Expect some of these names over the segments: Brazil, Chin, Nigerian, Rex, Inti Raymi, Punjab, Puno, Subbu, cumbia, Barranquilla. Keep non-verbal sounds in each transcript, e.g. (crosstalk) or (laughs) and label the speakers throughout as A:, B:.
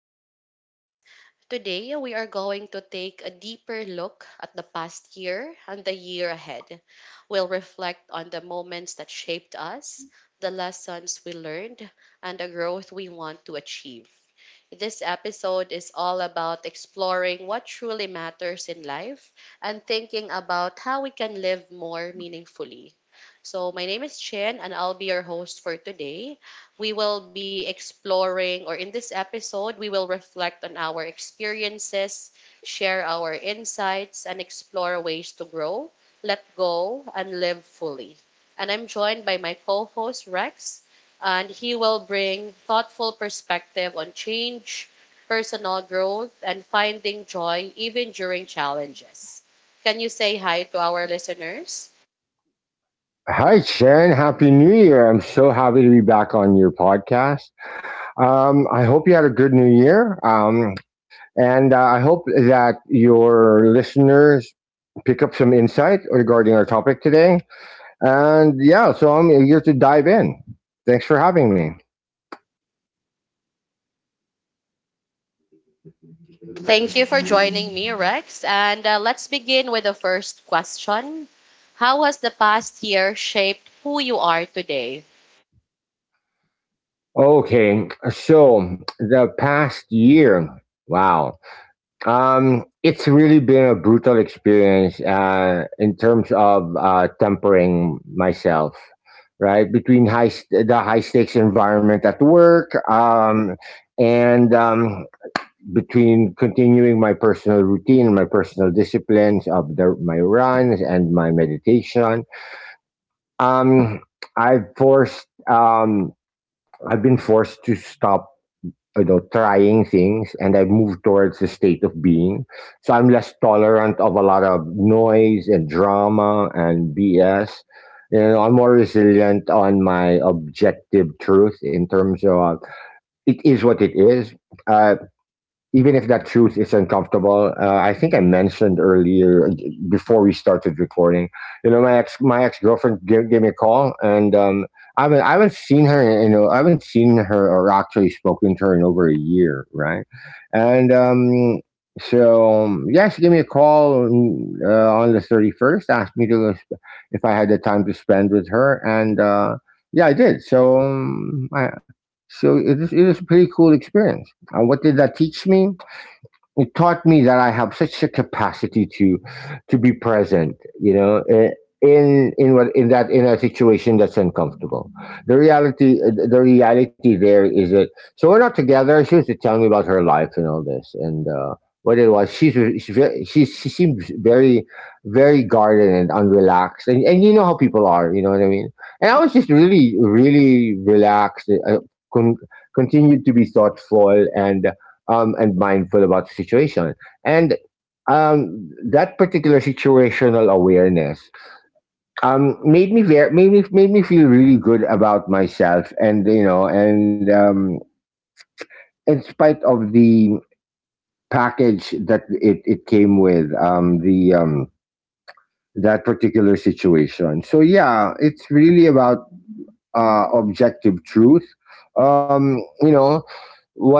A: podcast. Today, we are going to take a deeper look at the past year and the year ahead. We'll reflect on the moments that shaped us, the lessons we learned, and the growth we want to achieve. This episode is all about exploring what truly matters in life and thinking about how we can live more meaningfully. So, my name is Chin and I'll be your host for today. We will be exploring, or in this episode, we will reflect on our experiences, share our insights, and explore ways to grow, let go, and live fully. And I'm joined by my co host Rex and he will bring thoughtful perspective on change, personal growth, and finding joy even during challenges. Can you say hi to our listeners?
B: Hi, Chen! Happy New Year. I'm so happy to be back on your podcast. I hope you had a good New Year. And I hope that your listeners pick up some insight regarding our topic today. And yeah, so I'm here to dive in. Thanks for having me.
A: Thank you for joining me, Rex. And let's begin with the first question. How has the past year shaped who you are today?
B: Okay, so the past year. Wow. It's really been a brutal experience in terms of tempering myself, right? Between the high stakes environment at work, and between continuing my personal routine and my personal disciplines of my runs and my meditation. Um, I've forced. Um, I've been forced to stop trying things, and I've moved towards a state of being. So I'm less tolerant of a lot of noise and drama and bs. I'm more resilient on my objective truth in terms of it is what it is. uh, Even if that truth is uncomfortable, I think I mentioned earlier before we started recording, my ex-girlfriend gave me a call, and I haven't seen her, I haven't seen her or actually spoken to her in over a year, right? and so Yeah, she gave me a call, on the 31st, asked me to if I had the time to spend with her. And yeah, I did. So so it is a pretty cool experience. And what did that teach me? It taught me that I have such a capacity to be present, you know, in what in that in a situation that's uncomfortable. The reality there is that we're not together. She was to tell me about her life and all this, and what it was. She seems very very guarded and unrelaxed, and you know how people are, you know what I mean. And I was just really really relaxed. Continued to be thoughtful and mindful about the situation. And That particular situational awareness made me feel really good about myself, and you know, and in spite of the package that it came with, the that particular situation. So yeah, it's really about objective truth. You know what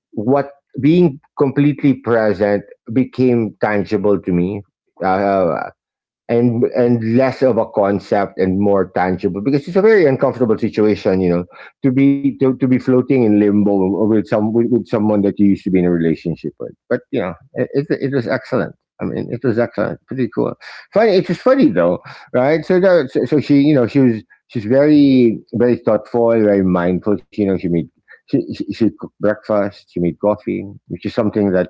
B: what Being completely present became tangible to me. Uh, and less of a concept and more tangible, because it's a very uncomfortable situation, you know, to be to be floating in limbo with with someone that you used to be in a relationship with. But you know, it was excellent. I mean, it was excellent. Pretty cool. Funny. It was funny though, right? So she, you know, she was, she's very very thoughtful, very mindful, you know. She cooked breakfast, she made coffee, which is something that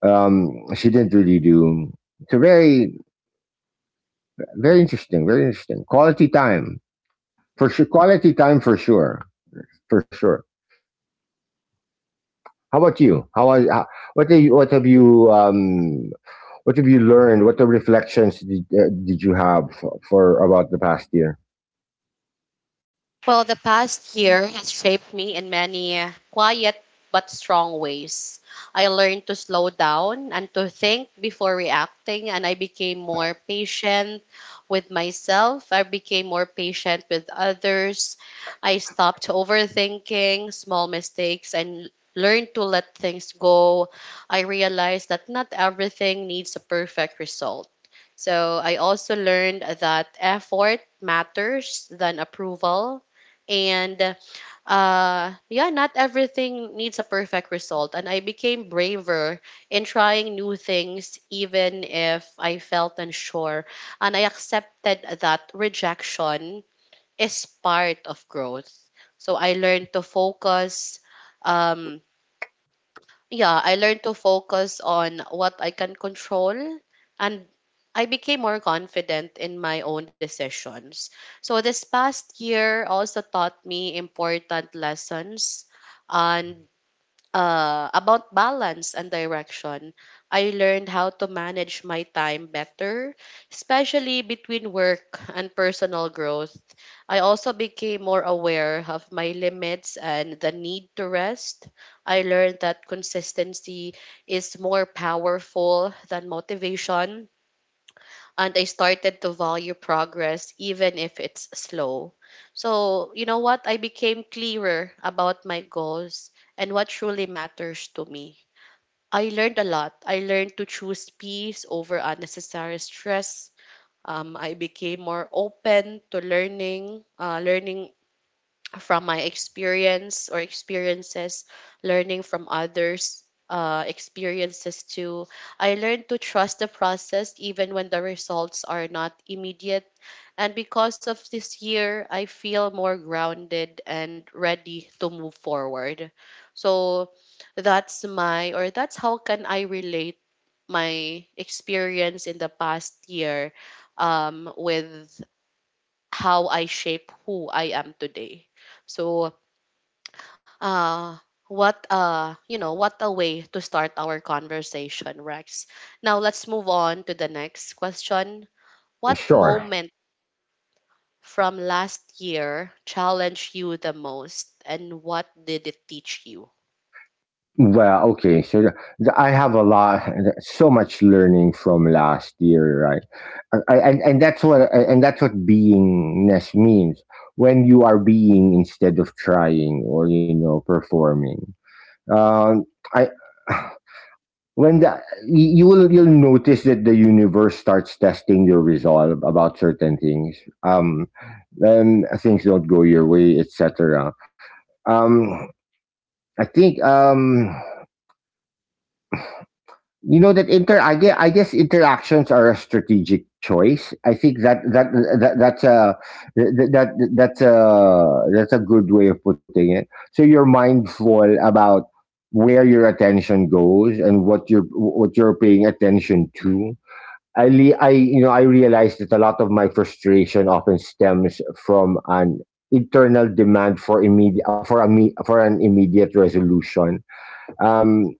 B: she didn't really do. So very very interesting. Very interesting. Quality time for sure. Quality time for sure. For sure. How about you? What have you, what have you learned? What The reflections did you have for about the past year?
A: Well, the past year has shaped me in many quiet but strong ways. I learned to slow down and to think before reacting, and I became more patient with myself. I became more patient with others. I stopped overthinking small mistakes and learned to let things go. I realized that not everything needs a perfect result. So I also learned that effort matters than approval. And yeah, not everything needs a perfect result. And I became braver in trying new things, even if I felt unsure. And I accepted that rejection is part of growth. So I learned to focus. Um, yeah, I learned to focus on what I can control and I became more confident in my own decisions. So this past year also taught me important lessons and about balance and direction. I learned how to manage my time better, especially between work and personal growth. I also became more aware of my limits and the need to rest. I learned that consistency is more powerful than motivation and I started to value progress even if it's slow. So, you know what? I became clearer about my goals and what truly matters to me. I learned a lot. I learned to choose peace over unnecessary stress. I became more open to learning from my experience or experiences, learning from others' experiences too. I learned to trust the process even when the results are not immediate. And because of this year, I feel more grounded and ready to move forward. So that's my, or that's how can I relate my experience in the past year with how I shape who I am today. So uh what you know what a way to start our conversation, Rex. Now let's move on to the next question. What
B: Sure.
A: moment from last year challenged you the most and what did it teach you?
B: Well, okay. I have a lot, so much learning from last year, right? And that's what, and that's what beingness means. When you are being instead of trying, or performing, Uh, I when the, you will, you'll notice that the universe starts testing your resolve about certain things. Um, then things don't go your way, etc. Um, I think You know that inter I guess interactions are a strategic choice. I think that's a, that, that that's a good way of putting it. So you're mindful about where your attention goes and what you're, paying attention to. I le- I You know, I realize that a lot of my frustration often stems from an internal demand for immediate, for an immediate resolution. um,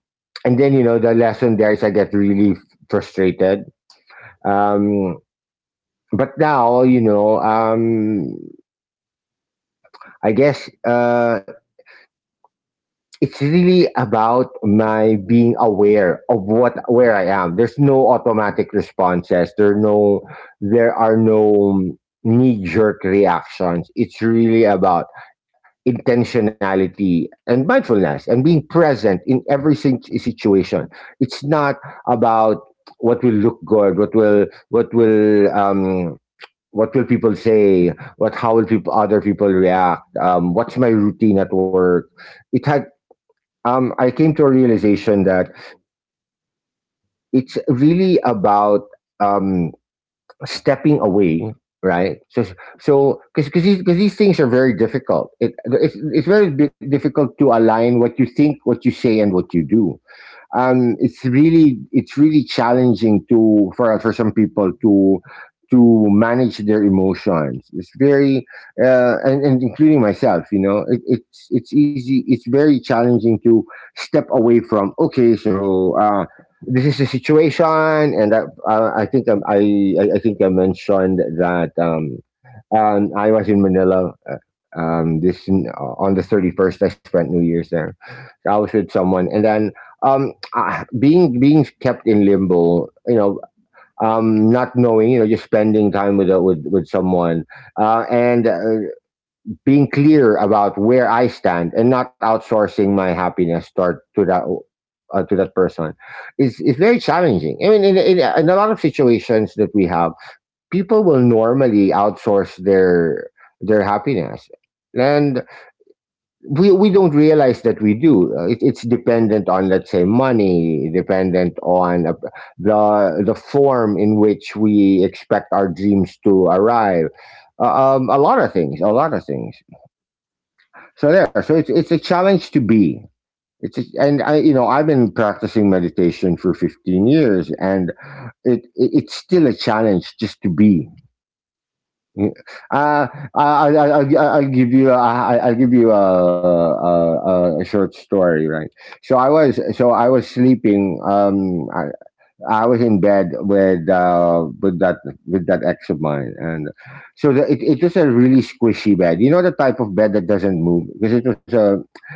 B: and then you know the lesson there is I get really frustrated. Um, but now you know, I guess uh, it's really about my being aware of what where I am. There's no automatic responses. There are no, there are no knee jerk reactions. It's really about intentionality and mindfulness and being present in every situation. It's not about what will look good, what will people say, what, how will people, other people react. What's my routine at work? It had I came to a realization that it's really about um stepping away. Right? So, so because these, 'cause these things are very difficult. It's very difficult to align what you think, what you say, and what you do. It's really, it's really challenging to for some people to manage their emotions. It's very, and including myself, you know, it's easy. It's very challenging to step away from. Okay, so this is the situation, and I think I think I mentioned that I was in Manila. This On the 31st, I spent New Year's there. So I was with someone, and then being kept in limbo, you know, not knowing, you know, just spending time with with someone, and being clear about where I stand, and not outsourcing my happiness toward to that, to that person is very challenging. I mean, in a lot of situations that we have, people will normally outsource their happiness. And we don't realize that we do. It's dependent on, let's say, money, dependent on the form in which we expect our dreams to arrive. A lot of things, so there, so it's a challenge to be. It's a, and I you know, I've been practicing meditation for 15 years, and it's still a challenge just to be. Yeah. Uh, I'll give you, I'll give you a short story, right? So I was sleeping. I was in bed with with that ex of mine, and so the, it was a really squishy bed. You know the type of bed that doesn't move because it was a,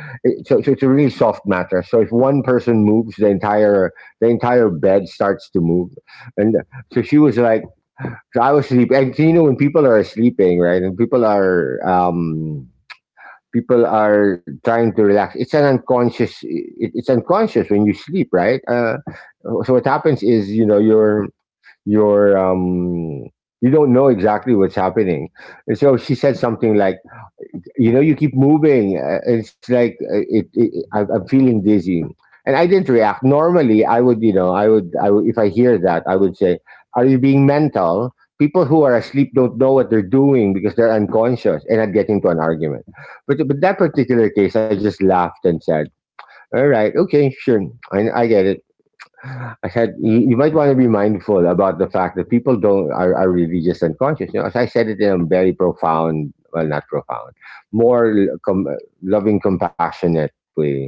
B: so it's a really soft mattress. So if one person moves, the entire, the entire bed starts to move, and so she was like, so I was asleep. And so, you know, when people are sleeping, right, and people are trying to relax, it's an unconscious. It's unconscious when you sleep, right? So what happens is, you know, your, your um, you don't know exactly what's happening. And so she said something like, you know, you keep moving. It's like, I'm feeling dizzy. And I didn't react. Normally I would, you know, I would, I would, if I hear that, I would say, are you being mental? People who are asleep don't know what they're doing because they're unconscious, and I'd get into an argument. But that particular case I just laughed and said, all right, okay, sure. I get it. I said, you might want to be mindful about the fact that people don't are really just unconscious. You know, as I said it in a very profound, well, not profound, more loving, compassionate way.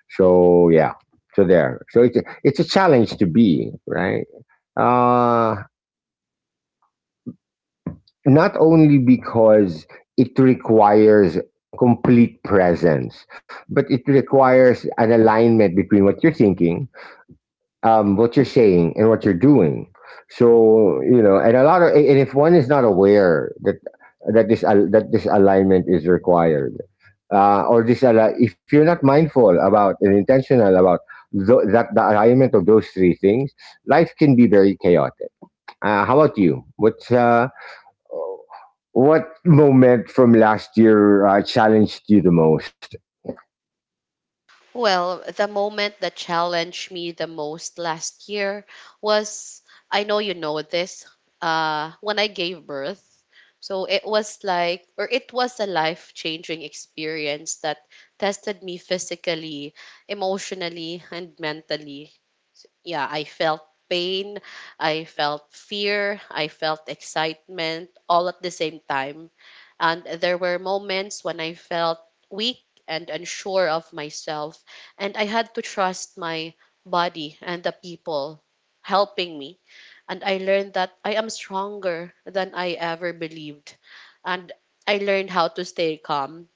B: So yeah, so there. So it's a challenge to be, right. Uh, Not only because it requires complete presence, but it requires an alignment between what you're thinking, what you're saying, and what you're doing. So you know, and a lot of, and if one is not aware that this that this alignment is required, or this if you're not mindful about and intentional about that the alignment of those three things, life can be very chaotic. How about you? What's what moment from last year challenged you the most?
A: Well, the moment that challenged me the most last year was, I know you know this, when I gave birth. So it was like, or it was a life changing experience that tested me physically, emotionally, and mentally. Yeah, I felt pain, I felt fear, I felt excitement all at the same time and there were moments when I felt weak and unsure of myself, and I had to trust my body and the people helping me. And I learned that I am stronger than I ever believed. And I learned how to stay calm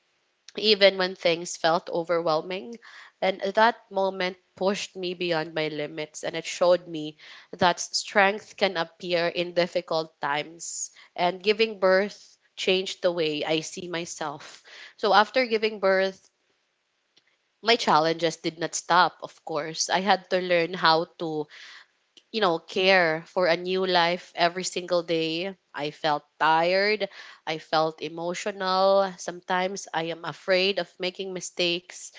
A: even when things felt overwhelming. And that moment pushed me beyond my limits and it showed me that strength can appear in difficult times. And giving birth changed the way I see myself. So after giving birth, my challenges did not stop, of course. I had to learn how to, you know, care for a new life every single day. I felt tired. I felt emotional. Sometimes I am afraid of making mistakes.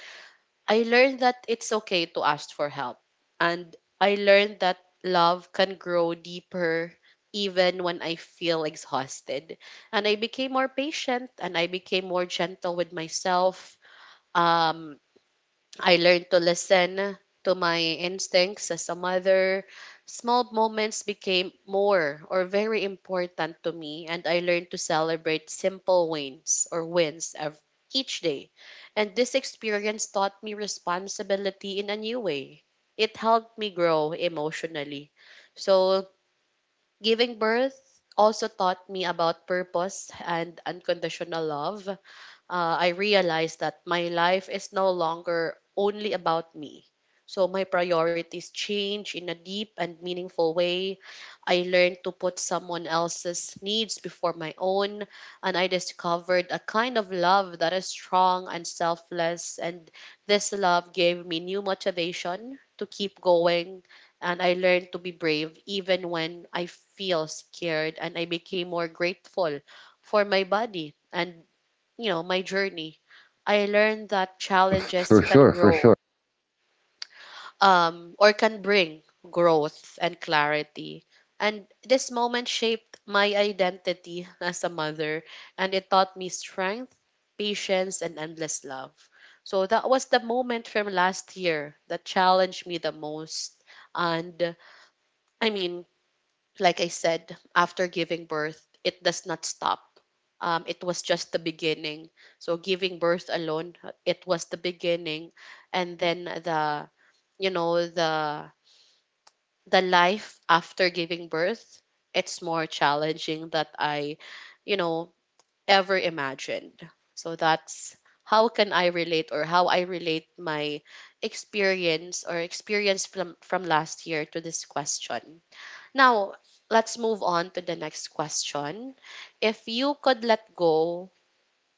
A: I learned that it's okay to ask for help. And I learned that love can grow deeper even when I feel exhausted. And I became more patient and I became more gentle with myself. Um, I learned to listen to my instincts as a mother. Small moments became more or very important to me, and I learned to celebrate simple wins or wins of each day. And this experience taught me responsibility in a new way. It helped me grow emotionally. So, giving birth also taught me about purpose and unconditional love. I realized that my life is no longer only about me. So my priorities change in a deep and meaningful way. I learned to put someone else's needs before my own, and I discovered a kind of love that is strong and selfless. And this love gave me new motivation to keep going, and I learned to be brave even when I feel scared, and I became more grateful for my body and, you know, my journey. I learned that
B: For
A: challenges
B: sure,
A: can
B: for sure.
A: grow or can bring growth and clarity. And this moment shaped my identity (laughs) as a mother, and it taught me strength, patience, and endless love. So that was the moment from last year that challenged me the most. And I mean, like I said, after giving birth, it does not stop. It was just the beginning. So giving birth alone, it was the beginning, and then the you know the life after giving birth, it's more challenging that I, you know, ever imagined. So that's how can I relate or how I relate my experience or experience from last year to this question. Now, let's move on to the next question. If you could let go,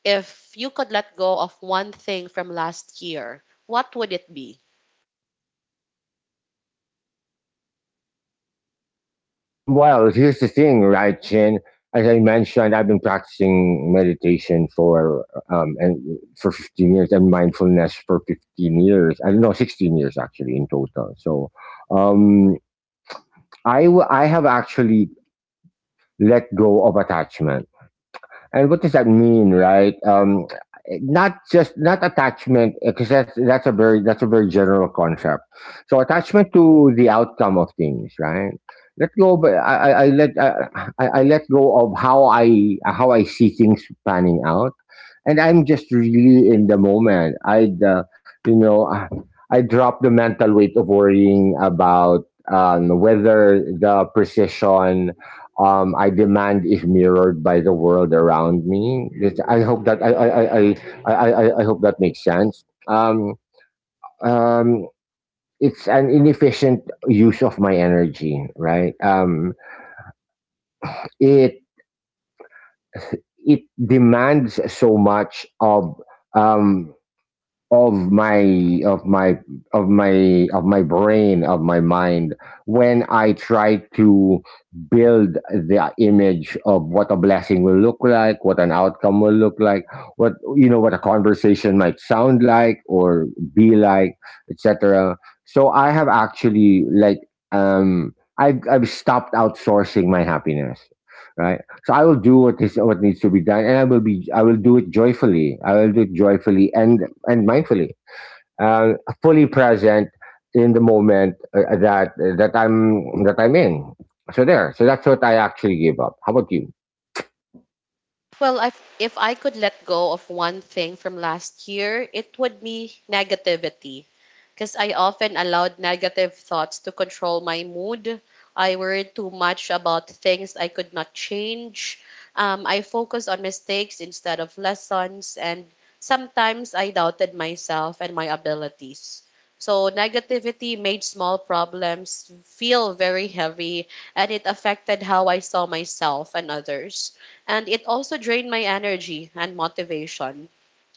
A: If you could let go of one thing from last year, what would it be?
B: Well, here's the thing, right, Chin? As I mentioned, I've been practicing meditation for and for 15 years and mindfulness for 15 years. I don't know, 16 years actually in total. So, um, I have actually let go of attachment. And what does that mean, right? Not just not attachment, because that's a very, general concept. So attachment to the outcome of things, right? Let go, but I let go of how I see things panning out, and I'm just really in the moment. I, you know, I drop the mental weight of worrying about, whether the precision, I demand is mirrored by the world around me. It's, I hope that makes sense. Um, it's an inefficient use of my energy, right? It it demands so much um, of my of my of my of my brain, of my mind, when I try to build the image of what a blessing will look like, what an outcome will look like, what, you know, what a conversation might sound like, or be like, etc. So I have actually, like, I've stopped outsourcing my happiness, right? So I will do what is, what needs to be done, and I will do it joyfully. I will do it joyfully and mindfully, uh, fully present in the moment that I'm in. So there. So that's what I actually give up. How about you?
A: Well, if I could let go of one thing from last year, it would be negativity. Because I often allowed negative thoughts to control my mood. I worried too much about things I could not change. I focused on mistakes instead of lessons, and sometimes I doubted myself and my abilities. So, negativity made small problems feel very heavy, and it affected how I saw myself and others. And it also drained my energy and motivation.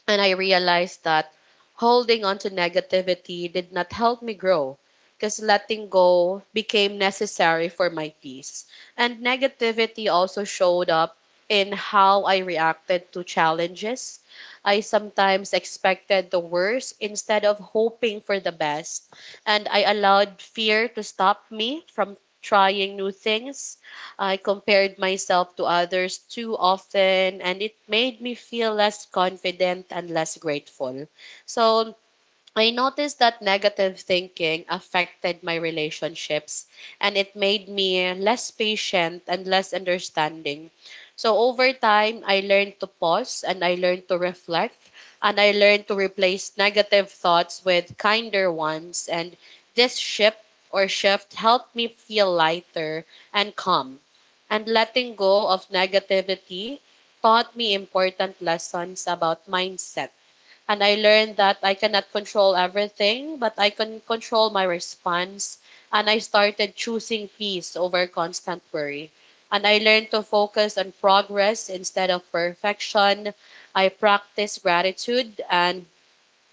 A: And I realized that holding on to negativity did not help me grow because letting go became necessary for my peace. And negativity also showed up in how I reacted to challenges. I sometimes expected the worst instead of hoping for the best. And I allowed fear to stop me from trying new things. I compared myself to others too often, and it made me feel less confident and less grateful. So I noticed that negative thinking affected my relationships and it made me less patient and less understanding. So over time, I learned to pause and I learned to reflect and I learned to replace negative thoughts with kinder ones. And this shift or shift helped me feel lighter and calm. And letting go of negativity taught me important lessons about mindset and I learned that I cannot control everything, but I can control my response. And I started choosing peace over constant worry. And I learned to focus on progress instead of perfection. I practiced gratitude and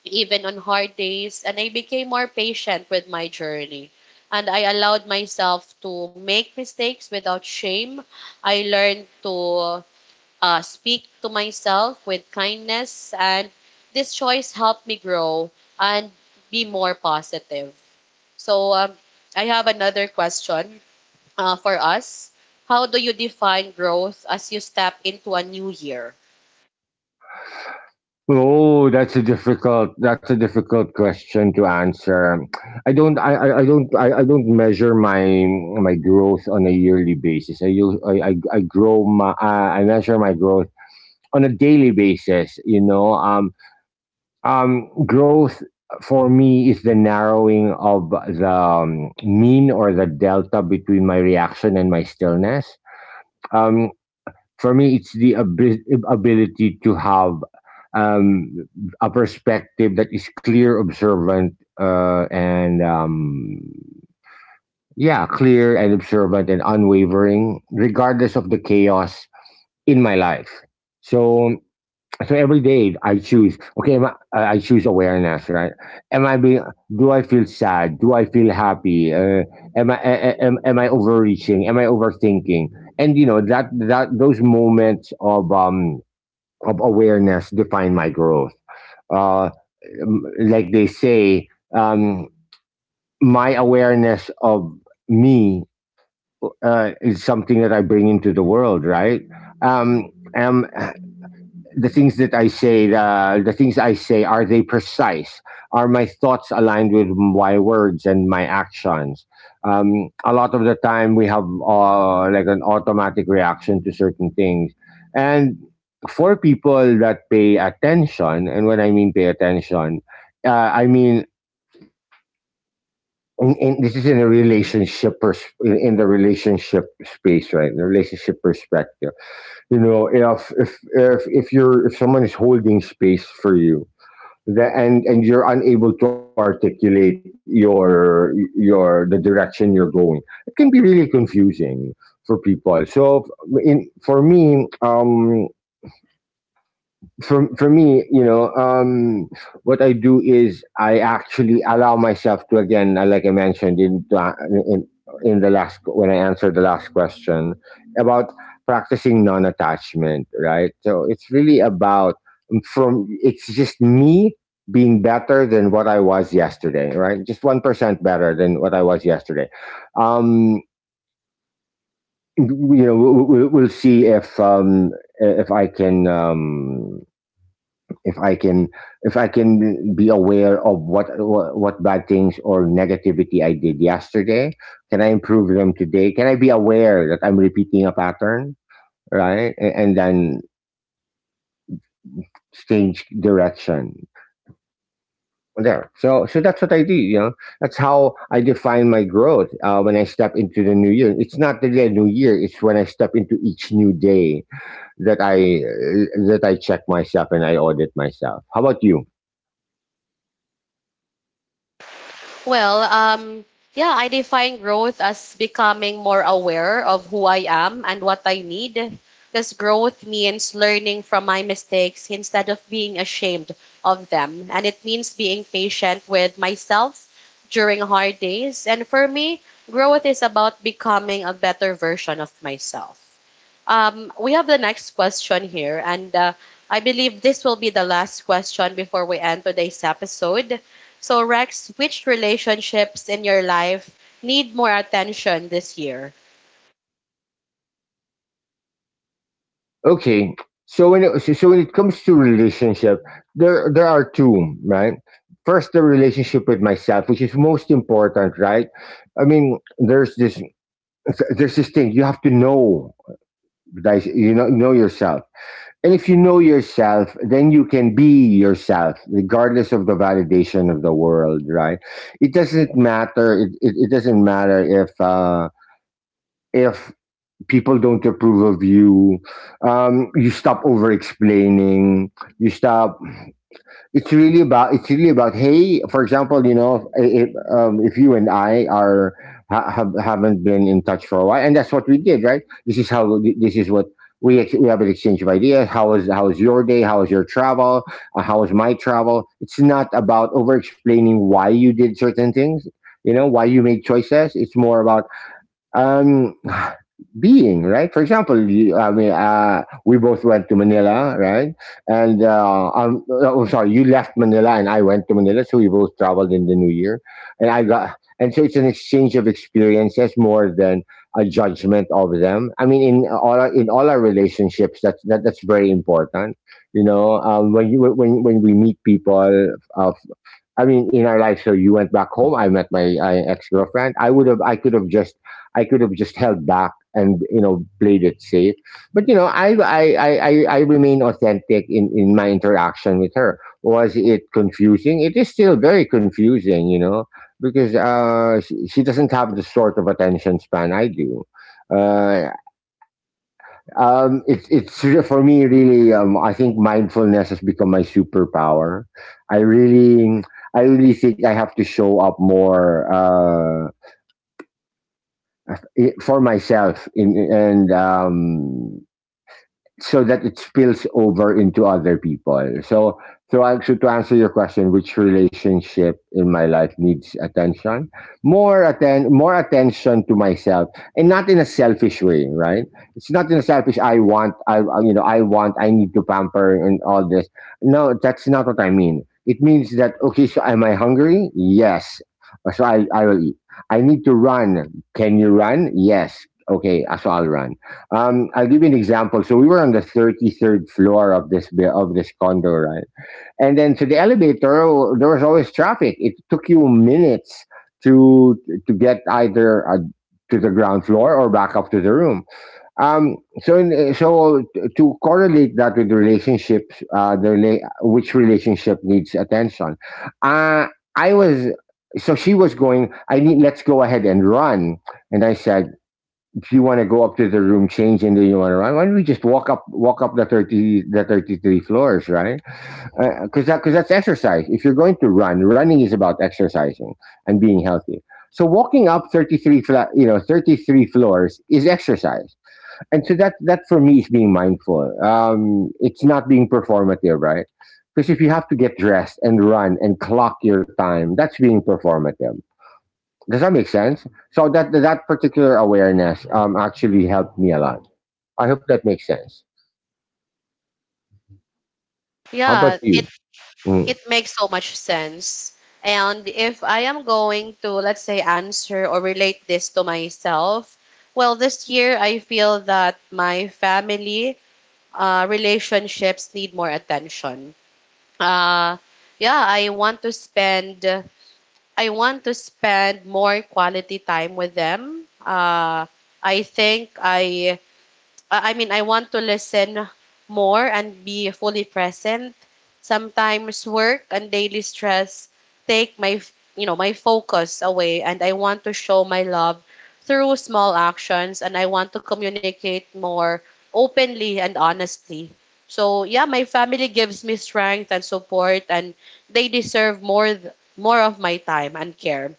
A: even on hard days. And I became more patient with my journey. And I allowed myself to make mistakes without shame. I learned to speak to myself with kindness, and this choice helped me grow and be more positive. So, I have another question for us. How do you define growth as you step into a new year?
B: Oh, that's a difficult, question to answer. I don't measure my my growth on a yearly basis. I use I grow my I measure my growth on a daily basis, you know. Growth for me is the narrowing of the, mean, or the delta between my reaction and my stillness. Um, for me, it's the ability to have, um, a perspective that is clear, observant, and yeah, clear and observant and unwavering, regardless of the chaos in my life. So, so every day I choose. Okay, I choose awareness, right? Am I being? Do I feel sad? Do I feel happy? Am I overreaching? Am I overthinking? And you know that those moments of, awareness define my growth. Uh, like they say, um, my awareness of me, is something that I bring into the world, right? Um, um, the things that I say, the things I say, are they precise? Are my thoughts aligned with my words and my actions? A lot of the time, we have, like, an automatic reaction to certain things, and for people that pay attention, and when I mean pay attention, uh, I mean. This is in a relationship pers- in the relationship space, right, the relationship perspective. You know, if you're, if someone is holding space for you, that, and you're unable to articulate your the direction you're going, it can be really confusing for people. So in for me, you know, what I do is I actually allow myself to, again, like I mentioned in in the last, when I answered the last question about practicing non-attachment, right? So it's really about, from it's just me being better than what I was yesterday, right? Just 1% better than what I was yesterday. Um, you know, we'll see if, if I can. If i can if I can be aware of what bad things or negativity I did yesterday. Can I improve them today? Can I be aware that I'm repeating a pattern, right, and then change direction there? So, so that's what I do, you know. That's how I define my growth. When I step into the new year, it's not really a new year, it's when I step into each new day that I check myself and I audit myself. How about you?
A: Well, yeah, I define growth as becoming more aware of who I am and what I need. Because growth means learning from my mistakes instead of being ashamed of them. And it means being patient with myself during hard days. And for me, growth is about becoming a better version of myself. We have the next question here, and I believe this will be the last question before we end today's episode. So, Rex, which relationships in your life need more attention this year?
B: Okay. So when it, so so when it comes to relationship, there are two, right? First, the relationship with myself, which is most important, right? I mean, there's this thing you have to know, guys. You know yourself, and if you know yourself, then you can be yourself, regardless of the validation of the world, right? It doesn't matter. It doesn't matter if. If people don't approve of you, you stop over explaining, you stop. It's really about, hey, for example, you know, if you and I are, haven't been in touch for a while, and that's what we did, right? This is how, this is what we have, an exchange of ideas. How is, your day? How is your travel? How is my travel? It's not about over explaining why you did certain things, you know, why you made choices. It's more about, um being, right? For example, you, I mean, we both went to Manila, right? And oh, sorry, you left Manila and I went to Manila, so we both traveled in the new year. And so it's an exchange of experiences more than a judgment of them. I mean, in all our relationships, that's that, that's very important. You know, when you, when we meet people, uh, I mean, in our life. So you went back home. I met my, ex girlfriend. I could have just, I could have just held back and, you know, played it safe. But you know, I remain authentic in my interaction with her. Was it confusing? It is still very confusing, you know, because she doesn't have the sort of attention span I do. Uh, for me really. I think mindfulness has become my superpower. I really, I really think I have to show up more, for myself in, and so that it spills over into other people. So, so actually, to answer your question, which relationship in my life needs attention? More attention to myself, and not in a selfish way, right? It's not in a selfish. I want, I- you know, I need to pamper and all this. No, that's not what I mean. It means that okay. So, am I hungry? Yes. So I will eat. I need to run. Can you run? Yes. Okay. So I'll run. I'll give you an example. So we were on the 33rd floor of this of this condo, right? And then to the elevator, there was always traffic. It took you minutes to to get either, to the ground floor or back up to the room. Um, so to correlate that with the relationships, which relationship needs attention? Uh, I was so she was going. I need. Let's go ahead and run. And I said, if you want to go up to the room, change, and then you want to run, why don't we just walk up the 30, the 33 floors, right? Because that, because that's exercise. If you're going to run, running is about exercising and being healthy. So walking up 33, you know, 33 floors is exercise, and so that that for me is being mindful. It's not being performative, right? Because if you have to get dressed and run and clock your time, that's being performative. Does that make sense? So that that particular awareness, actually helped me a lot. I hope that makes sense. How about
A: Yeah,
B: you?
A: it
B: Mm,
A: it makes so much sense. And if I am going to, let's say, answer or relate this to myself, well, this year I feel that my family relationships need more attention. uh yeah, I want to spend more quality time with them. Uh i think i I I mean, I want to listen more and be fully present. Sometimes work and daily stress take my, you know, my focus away, and I want to show my love through small actions, and I want to communicate more openly and honestly. So yeah, my family gives me strength and support, and they deserve more of my time and care.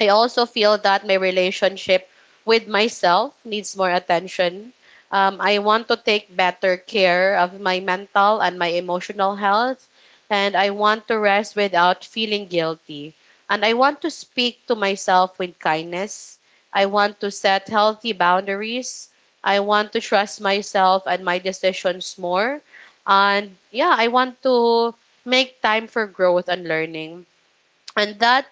A: I also feel that my relationship with myself needs more attention. I want to take better care of my mental and my emotional health, and I want to rest without feeling guilty. And I want to speak to myself with kindness. I want to set healthy boundaries. I want to trust myself and my decisions more. And yeah, I want to make time for growth and learning. And that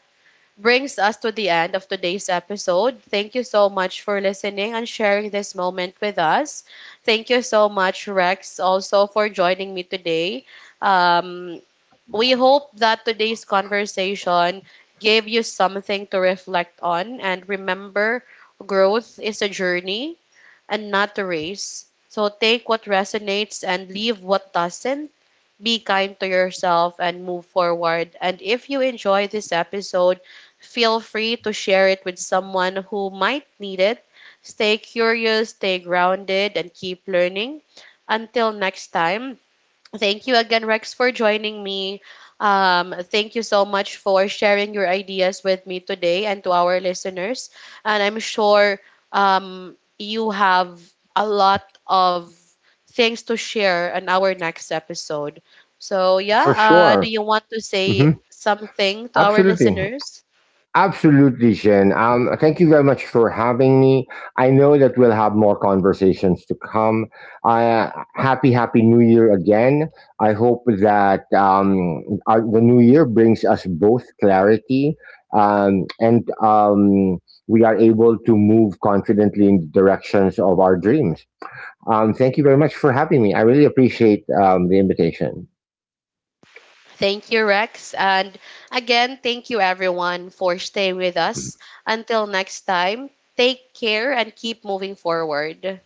A: brings us to the end of today's episode. Thank you so much for listening and sharing this moment with us. Thank you so much, Rex, also for joining me today. Um, we hope that today's conversation gave you something to reflect on and remember growth is a journey and not a race. So take what resonates and leave what doesn't. Be kind to yourself and move forward. And if you enjoy this episode, feel free to share it with someone who might need it. Stay curious, stay grounded, and keep learning. Until next time, thank you again, Rex, for joining me. Thank you so much for sharing your ideas with me today and to our listeners. And I'm sure you have a lot of things to share on our next episode. So, yeah,
B: for
A: do
B: sure.
A: you want to
B: hmm
A: say something to our
B: Absolutely.
A: listeners?
B: Absolutely, Jen. Thank you very much for having me. I know that we'll have more conversations to come. Uh, happy, happy New Year again. I hope that, the New Year brings us both clarity, and we are able to move confidently in the directions of our dreams. Thank you very much for having me. I really appreciate, the invitation.
A: Thank you, Rex. And again, thank you everyone for staying with us. Until next time, take care and keep moving forward.